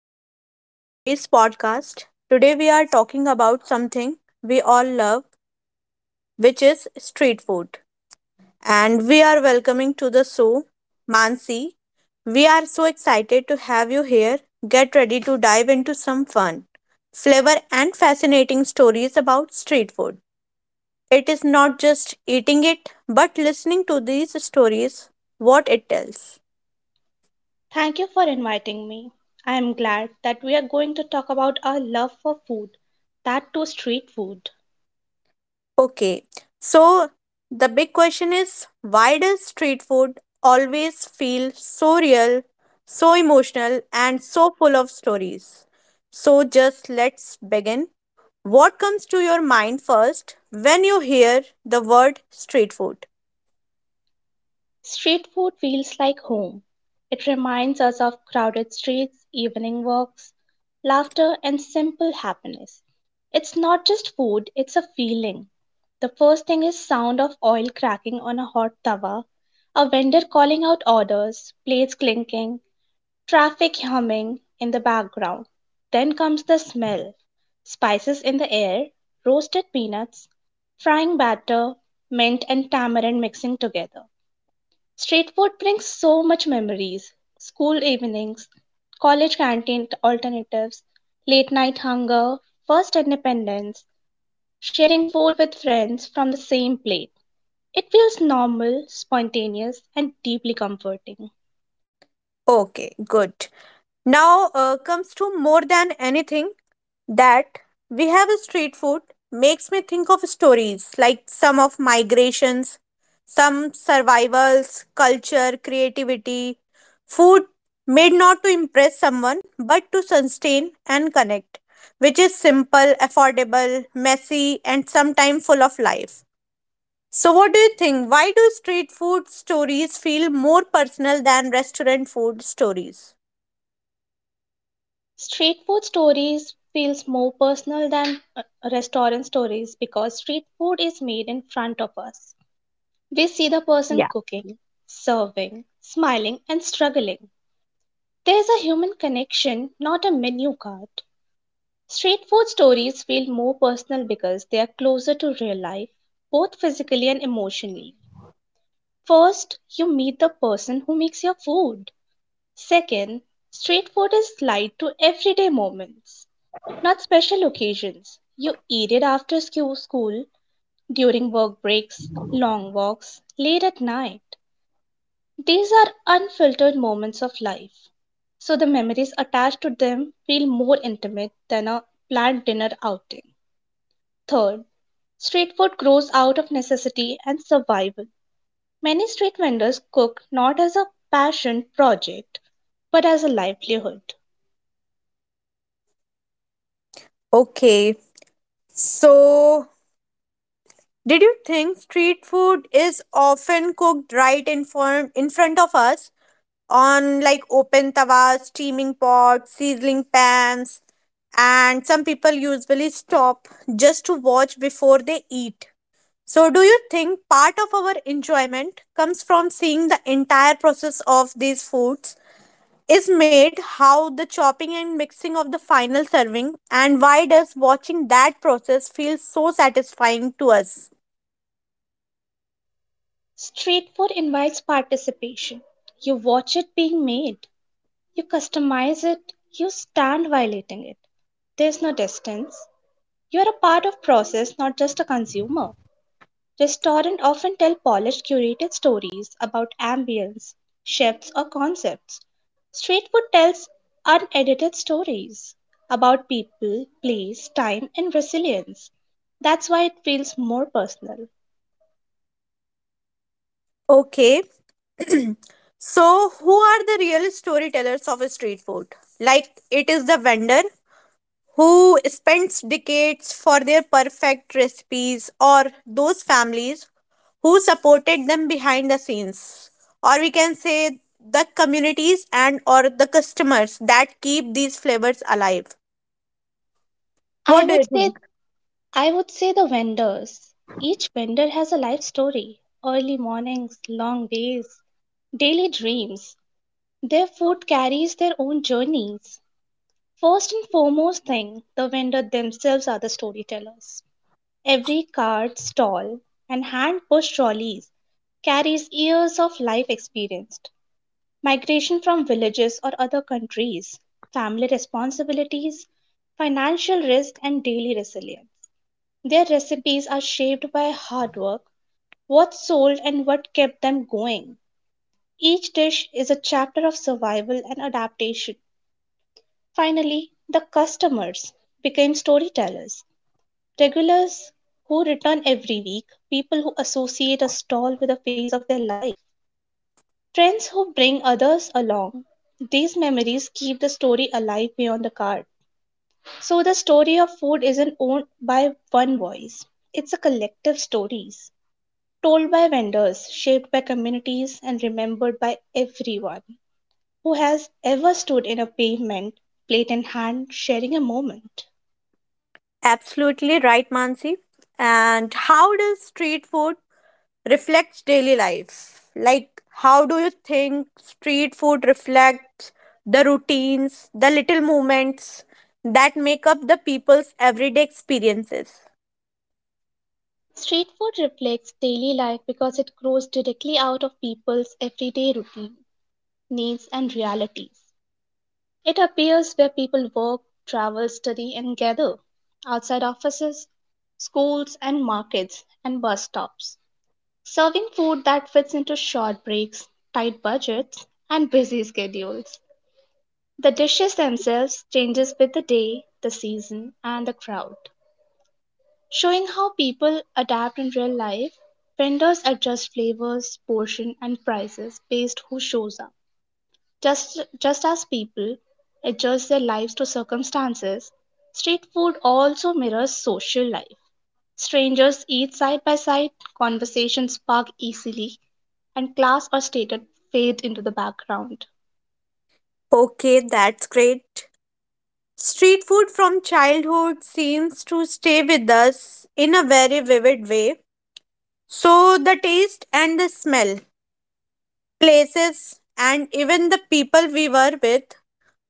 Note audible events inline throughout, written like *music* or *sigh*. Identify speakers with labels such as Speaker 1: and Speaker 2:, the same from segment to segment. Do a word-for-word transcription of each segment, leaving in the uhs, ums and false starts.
Speaker 1: welcome to today's podcast. Today we are talking about something we all love, which is street food. And we are welcoming to the show Mansi. We are so excited to have you here. Get ready to dive into some fun, flavor, and fascinating stories about street food. It is not just eating it, but listening to these stories, what it tells.
Speaker 2: Thank you for inviting me. I am glad that we are going to talk about our love for food, that too street food.
Speaker 1: Okay, so the big question is why does street food always feel so real, so emotional, and so full of stories? So, just let's begin. What comes to your mind first when you hear the word street food?
Speaker 2: Street food feels like home. It reminds us of crowded streets, evening walks, laughter, and simple happiness. It's not just food, it's a feeling. The first thing is sound of oil cracking on a hot tawa, a vendor calling out orders, plates clinking, traffic humming in the background. Then comes the smell. Spices in the air, roasted peanuts, frying batter, mint and tamarind mixing together. Street food brings so much memories. School evenings, college canteen alternatives, late night hunger, first independence, sharing food with friends from the same plate. It feels normal, spontaneous, and deeply comforting.
Speaker 1: Okay, good. Now uh, comes to more than anything that we have a street food makes me think of stories like some of migrations, some survivals, culture, creativity. Food made not to impress someone but to sustain and connect, which is simple, affordable, messy, and sometimes full of life. So, what do you think? Why do street food stories feel more personal than restaurant food stories?
Speaker 2: Street food stories feels more personal than uh, restaurant stories because street food is made in front of us. We see the person
Speaker 1: Yeah.
Speaker 2: cooking, serving, smiling and struggling. There's a human connection, not a menu card. Street food stories feel more personal because they are closer to real life, both physically and emotionally. First, you meet the person who makes your food. Second, street food is light to everyday moments. Not special occasions. You eat it after scho- school, during work breaks, long walks, late at night. These are unfiltered moments of life. So the memories attached to them feel more intimate than a planned dinner outing. Third, street food grows out of necessity and survival. Many street vendors cook not as a passion project but as a livelihood.
Speaker 1: Okay, so, did you think street food is often cooked right in front in front of us on like open tawas, steaming pots, sizzling pans, and some people usually stop just to watch before they eat. So, do you think part of our enjoyment comes from seeing the entire process of these foods? Is made, how the chopping and mixing of the final serving, and why does watching that process feel so satisfying to us?
Speaker 2: Street food invites participation. You watch it being made, you customize it, you stand while eating it. There's no distance. You are a part of process, not just a consumer. Restaurants often tell polished, curated stories about ambience, chefs, or concepts. Street food tells unedited stories about people, place, time, and resilience. That's why it feels more personal.
Speaker 1: Okay. *clears throat* So, who are the real storytellers of street food? Like, it is the vendor who spends decades for their perfect recipes, or those families who supported them behind the scenes, or we can say the communities and or the customers that keep these flavors alive.
Speaker 2: I
Speaker 1: What do you
Speaker 2: would say
Speaker 1: think?
Speaker 2: I would say the vendors. Each vendor has a life story, early mornings, long days, daily dreams. Their food carries their own journeys. First and foremost thing, the vendor themselves are the storytellers. Every cart, stall, and hand pushed trolleys carries years of life experienced migration from villages or other countries, family responsibilities, financial risk, and daily resilience. Their recipes are shaped by hard work, what sold, and what kept them going. Each dish is a chapter of survival and adaptation. Finally, the customers became storytellers, regulars who return every week, people who associate a stall with a phase of their life, friends who bring others along. These memories keep the story alive beyond the card. So, the story of food isn't owned by one voice, it's a collective stories, told by vendors, shaped by communities, and remembered by everyone who has ever stood in a pavement, plate in hand, sharing a moment.
Speaker 1: Absolutely right, Mansi. And how does street food reflect daily life? Like, how do you think street food reflects the routines, the little moments that make up the people's everyday experiences?
Speaker 2: Street food reflects daily life because it grows directly out of people's everyday routine, needs, and realities. It appears where people work, travel, study, and gather outside offices, schools, and markets, and bus stops, serving food that fits into short breaks, tight budgets, and busy schedules. The dishes themselves changes with the day, the season, and the crowd, showing how people adapt in real life. Vendors adjust flavors, portion, and prices based who shows up. Just just as people adjust their lives to circumstances, street food also mirrors social life. Strangers eat side by side, conversations spark easily, and class or status fade into the background.
Speaker 1: Okay, that's great. Street food from childhood seems to stay with us in a very vivid way. So, the taste and the smell, places, and even the people we were with.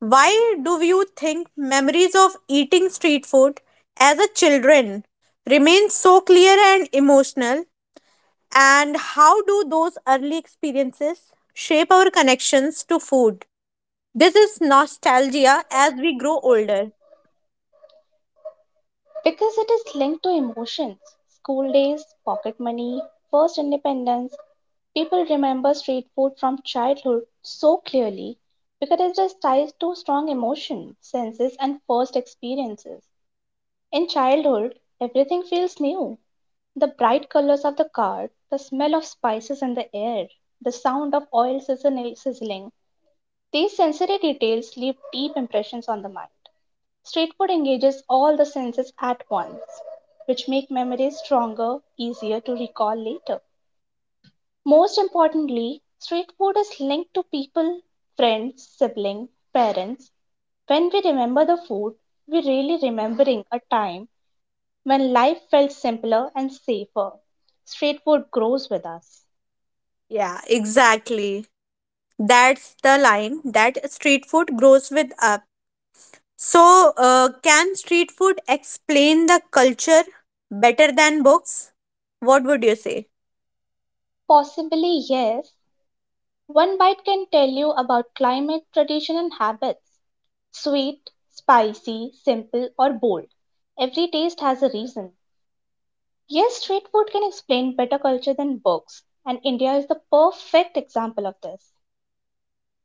Speaker 1: Why do you think memories of eating street food as a children remain so clear and emotional? And how do those early experiences shape our connections to food? This is nostalgia as we grow older.
Speaker 2: Because it is linked to emotions, school days, pocket money, first independence, people remember street food from childhood so clearly because it is tied to strong emotion, senses, and first experiences. In childhood, everything feels new. The bright colors of the cart, the smell of spices in the air, the sound of oil sizzling, sizzling, these sensory details leave deep impressions on the mind. Street food engages all the senses at once, which make memories stronger, easier to recall later. Most importantly, street food is linked to people, friends, siblings, parents. When we remember the food, we're really remembering a time when life felt simpler and safer. Street food grows with us.
Speaker 1: Yeah, exactly. That's the line that street food grows with us. So, uh, can street food explain the culture better than books? What would you say?
Speaker 2: Possibly, yes. One bite can tell you about climate, tradition, and habits. Sweet, spicy, simple, or bold. Every taste has a reason. Yes, street food can explain better culture than books, and India is the perfect example of this.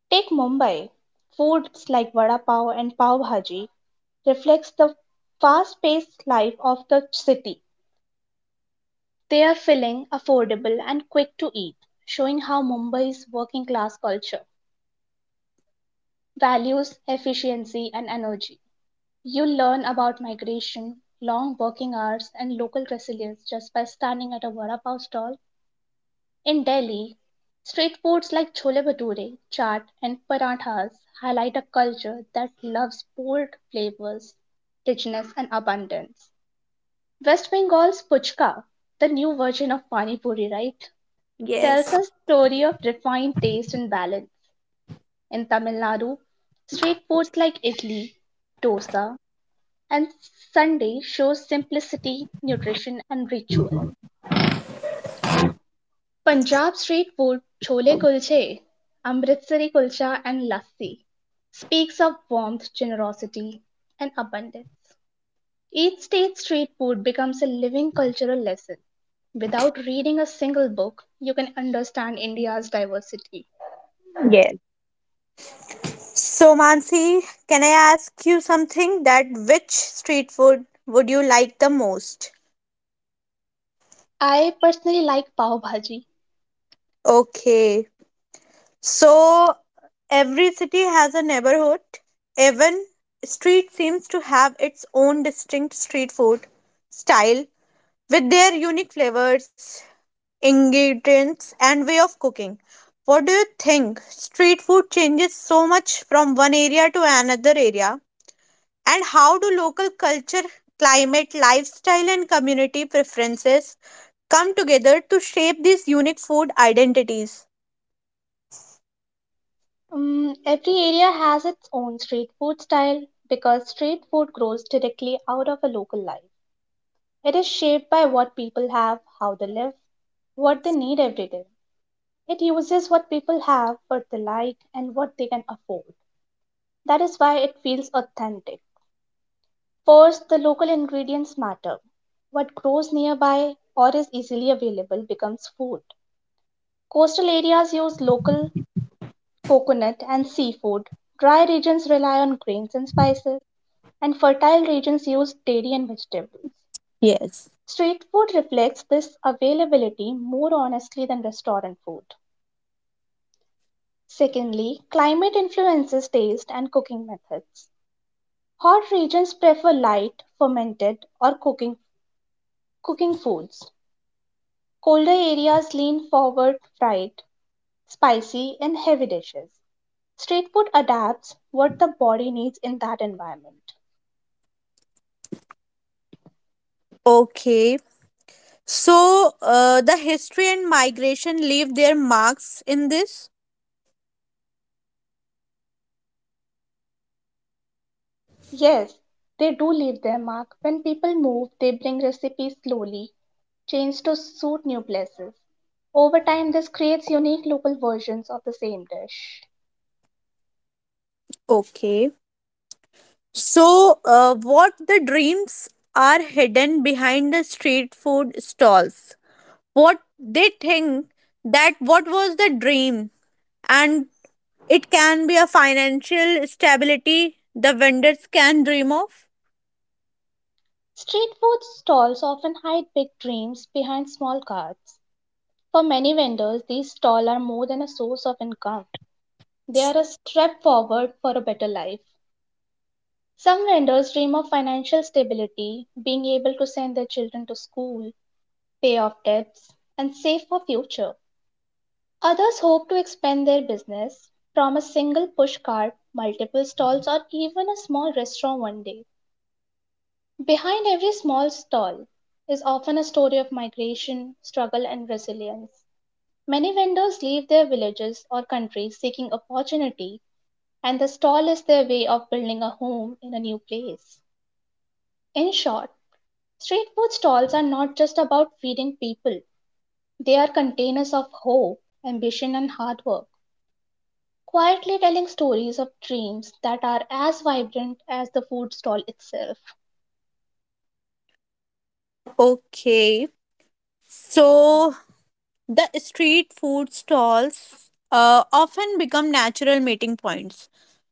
Speaker 2: Take Mumbai. Foods like vada pav and pav bhaji reflects the fast-paced life of the city. They are filling, affordable, and quick to eat, showing how Mumbai's working class culture values efficiency and energy. You'll learn about migration, long working hours, and local resilience just by standing at a vada pav stall. In Delhi, street foods like chole bhature, chaat, and parathas highlight a culture that loves bold flavors, richness, and abundance. West Bengal's puchka, the new version of pani puri, right? Tells
Speaker 1: Yes.
Speaker 2: a story of refined taste and balance. In Tamil Nadu, street foods like idli, dosa, and sundae show simplicity, nutrition, and ritual. Punjab street food chole kulche, Amritsari kulcha, and lassi speaks of warmth, generosity, and abundance. Each state street food becomes a living cultural lesson. Without reading a single book, you can understand India's diversity.
Speaker 1: Yes. So, Mansi, can I ask you something that which street food would you like the most?
Speaker 2: I personally like pav bhaji.
Speaker 1: Okay. So, every city has a neighborhood. Even street seems to have its own distinct street food style with their unique flavors, ingredients, and way of cooking. What do you think? Street food changes so much from one area to another area. And how do local culture, climate, lifestyle, and community preferences come together to shape these unique food identities?
Speaker 2: Mm, every area has its own street food style because street food grows directly out of a local life. It is shaped by what people have, how they live, what they need every day. It uses what people have, what they like, and what they can afford. That is why it feels authentic. First, the local ingredients matter. What grows nearby or is easily available becomes food. Coastal areas use local coconut, and seafood. Dry regions rely on grains and spices, and fertile regions use dairy and vegetables.
Speaker 1: Yes.
Speaker 2: Street food reflects this availability more honestly than restaurant food. Secondly, climate influences taste and cooking methods. Hot regions prefer light, fermented, or cooking, cooking foods. Colder areas lean forward fried, spicy, and heavy dishes. Street food adapts what the body needs in that environment.
Speaker 1: Okay. So, uh, the history and migration leave their marks in this?
Speaker 2: Yes, they do leave their mark. When people move, they bring recipes slowly, changed to suit new places. Over time, this creates unique local versions of the same dish.
Speaker 1: Okay. So, uh, what the dreams are hidden behind the street food stalls? What they think that what was the dream, and it can be a financial stability the vendors can dream of.
Speaker 2: Street food stalls often hide big dreams behind small carts. For many vendors, these stalls are more than a source of income, they are a step forward for a better life. Some vendors dream of financial stability, being able to send their children to school, pay off debts, and save for future. Others hope to expand their business from a single push cart, multiple stalls, or even a small restaurant one day. Behind every small stall is often a story of migration, struggle, and resilience. Many vendors leave their villages or countries seeking opportunity, and the stall is their way of building a home in a new place. In short, street food stalls are not just about feeding people, they are containers of hope, ambition, and hard work, quietly telling stories of dreams that are as vibrant as the food stall itself.
Speaker 1: Okay, so the street food stalls uh, often become natural meeting points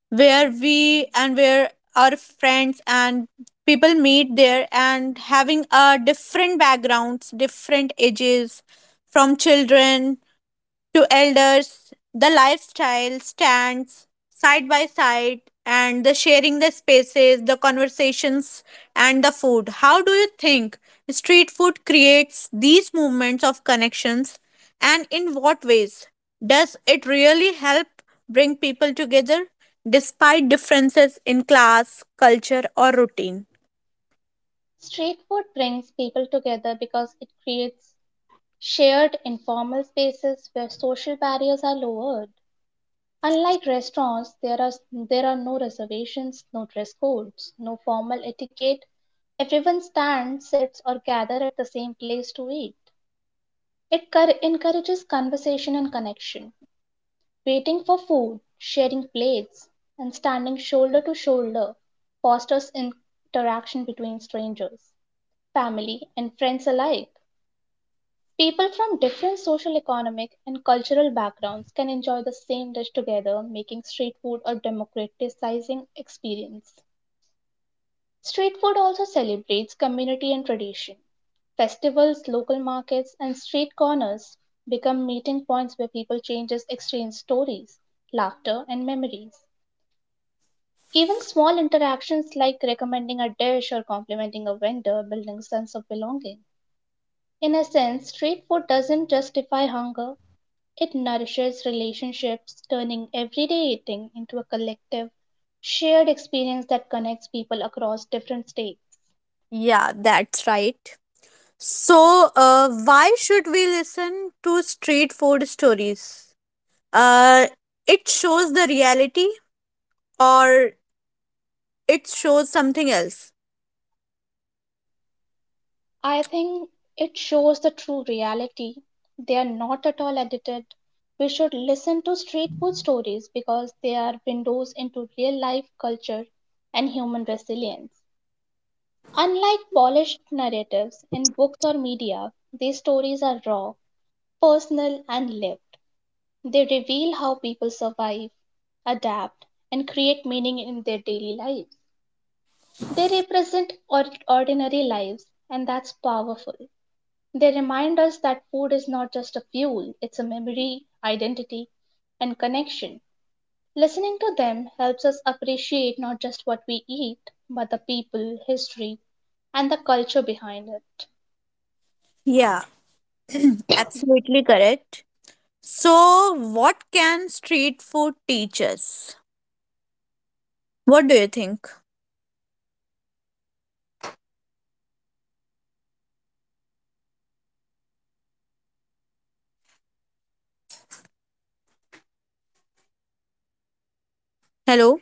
Speaker 1: where we and where our friends and people meet there and having uh, different backgrounds different ages from children to elders, the lifestyle stands side by side and the sharing the spaces, the conversations, and the food. How do you think street food creates these moments of connections and in what ways? Does it really help bring people together despite differences in class, culture, or routine?
Speaker 2: Street food brings people together because it creates shared informal spaces where social barriers are lowered. Unlike restaurants, there are there are no reservations, no dress codes, no formal etiquette. Everyone stands, sits or gather at the same place to eat. It cur- encourages conversation and connection. Waiting for food, sharing plates, and standing shoulder to shoulder fosters interaction between strangers, family, and friends alike. People from different social, economic, and cultural backgrounds can enjoy the same dish together, making street food a democratizing experience. Street food also celebrates community and tradition. Festivals, local markets, and street corners become meeting points where people changes exchange stories, laughter, and memories. Even small interactions like recommending a dish or complimenting a vendor building a sense of belonging. In a sense, street food doesn't justify hunger, it nourishes relationships, turning everyday eating into a collective, shared experience that connects people across different states.
Speaker 1: Yeah, that's right. So, uh, why should we listen to street food stories? uh it shows the reality or it shows something else?
Speaker 2: I think it shows the true reality. They are not at all edited. We should listen to street food stories because they are windows into real life culture and human resilience. Unlike polished narratives in books or media, these stories are raw, personal, and lived. They reveal how people survive, adapt, and create meaning in their daily lives. They represent or- ordinary lives, and that's powerful. They remind us that food is not just a fuel, it's a memory, identity, and connection. Listening to them helps us appreciate not just what we eat, but the people, history, and the culture behind it.
Speaker 1: Yeah. *clears throat* Absolutely correct. So what can street food teach us? What do you think? Hello?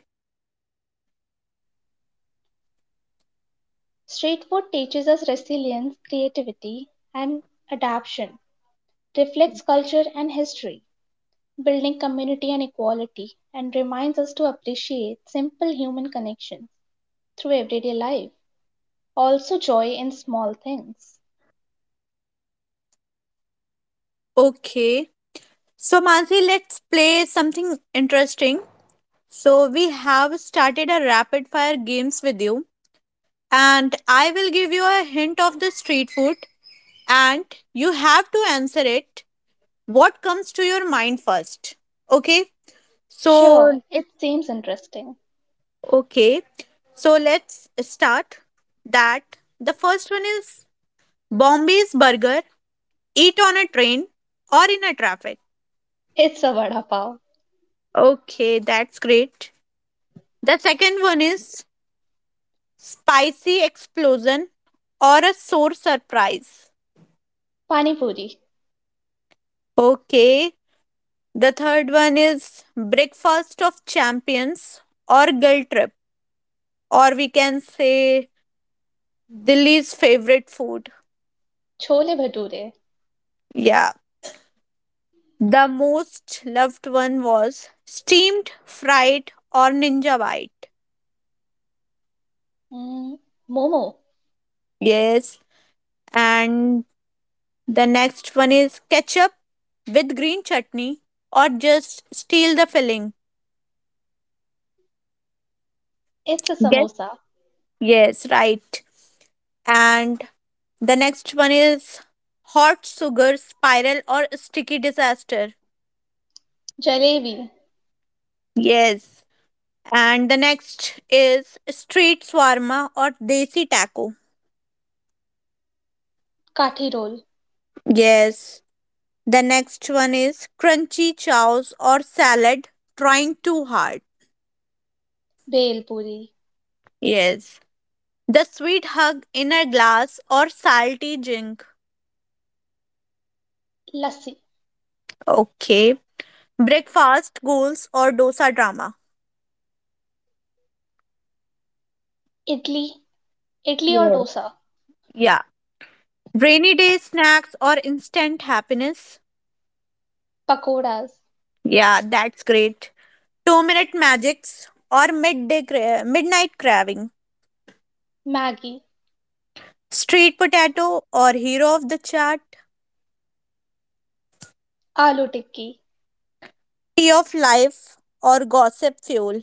Speaker 2: Street food teaches us resilience, creativity, and adaptation, reflects culture and history, building community and equality, and reminds us to appreciate simple human connections through everyday life. Also, joy in small things.
Speaker 1: Okay, so Mansi, let's play something interesting. So we have started a rapid fire games with you and I will give you a hint of the street food, and you have to answer it. What comes to your mind first? Okay. So,
Speaker 2: Sure, it seems interesting.
Speaker 1: okay. So let's start that. The first one is Bombay's burger, eat on a train or in a traffic.
Speaker 2: It's a vada pav,
Speaker 1: Okay, that's great. The second one is spicy explosion or a sore surprise.
Speaker 2: pani puri,
Speaker 1: Okay. The third one is breakfast of champions or guilt trip, or we can say Delhi's favorite food.
Speaker 2: chole bhature,
Speaker 1: Yeah. The most loved one was steamed, fried, or ninja bite.
Speaker 2: mm, momo.
Speaker 1: Yes. And the next one is ketchup with green chutney or just steal the filling.
Speaker 2: It's a
Speaker 1: Yes.
Speaker 2: samosa,
Speaker 1: Yes, right. And the next one is hot sugar spiral or sticky disaster.
Speaker 2: jalebi,
Speaker 1: Yes. And the next is street swarma or desi taco.
Speaker 2: kathi roll,
Speaker 1: Yes. The next one is crunchy chows or salad trying too hard.
Speaker 2: bhel puri,
Speaker 1: Yes. The sweet hug in a glass or salty drink.
Speaker 2: lassi,
Speaker 1: Okay. Breakfast goals or dosa drama.
Speaker 2: idli, idli or
Speaker 1: Yes.
Speaker 2: dosa.
Speaker 1: Yeah. Rainy day snacks or instant happiness.
Speaker 2: Pakoras,
Speaker 1: Yeah, that's great. Two minute magics or midday cra- midnight craving.
Speaker 2: Maggi,
Speaker 1: Street potato or hero of the chart.
Speaker 2: Aloo Tikki,
Speaker 1: Tea of life or gossip fuel.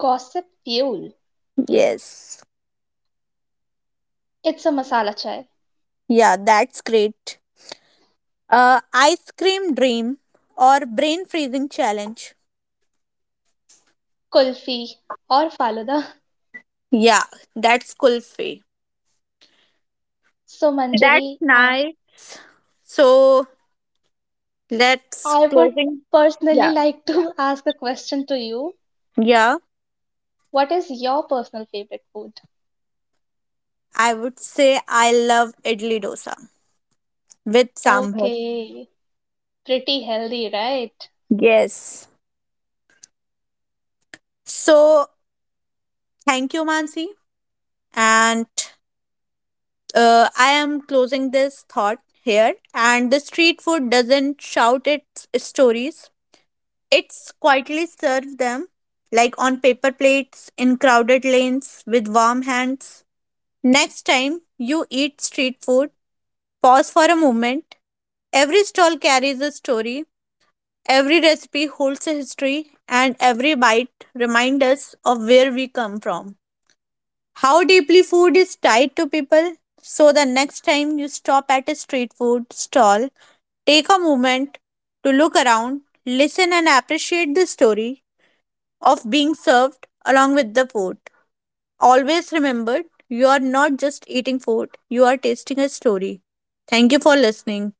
Speaker 2: gossip fuel.
Speaker 1: Yes.
Speaker 2: It's a masala chai,
Speaker 1: Yeah, that's great. Uh, ice cream dream or brain freezing challenge.
Speaker 2: kulfi, or faluda.
Speaker 1: Yeah, that's Kulfi.
Speaker 2: So,
Speaker 1: That's
Speaker 2: Manjari, uh,
Speaker 1: nice. So let's
Speaker 2: I would
Speaker 1: closing.
Speaker 2: personally
Speaker 1: Yeah.
Speaker 2: like to *laughs* ask a question to you.
Speaker 1: Yeah.
Speaker 2: What is your personal favorite food?
Speaker 1: I would say I love idli dosa with sambar.
Speaker 2: Okay, pretty healthy, right?
Speaker 1: Yes. So thank you, Mansi, and uh, I am closing this thought here. And the street food doesn't shout its stories; it's quietly served them, like on paper plates in crowded lanes with warm hands. Next time you eat street food, pause for a moment. Every stall carries a story, every recipe holds a history, and every bite reminds us of where we come from. How deeply food is tied to people. So, the next time you stop at a street food stall, take a moment to look around, listen, and appreciate the story of being served along with the food. Always remember, you are not just eating food, you are tasting a story. Thank you for listening.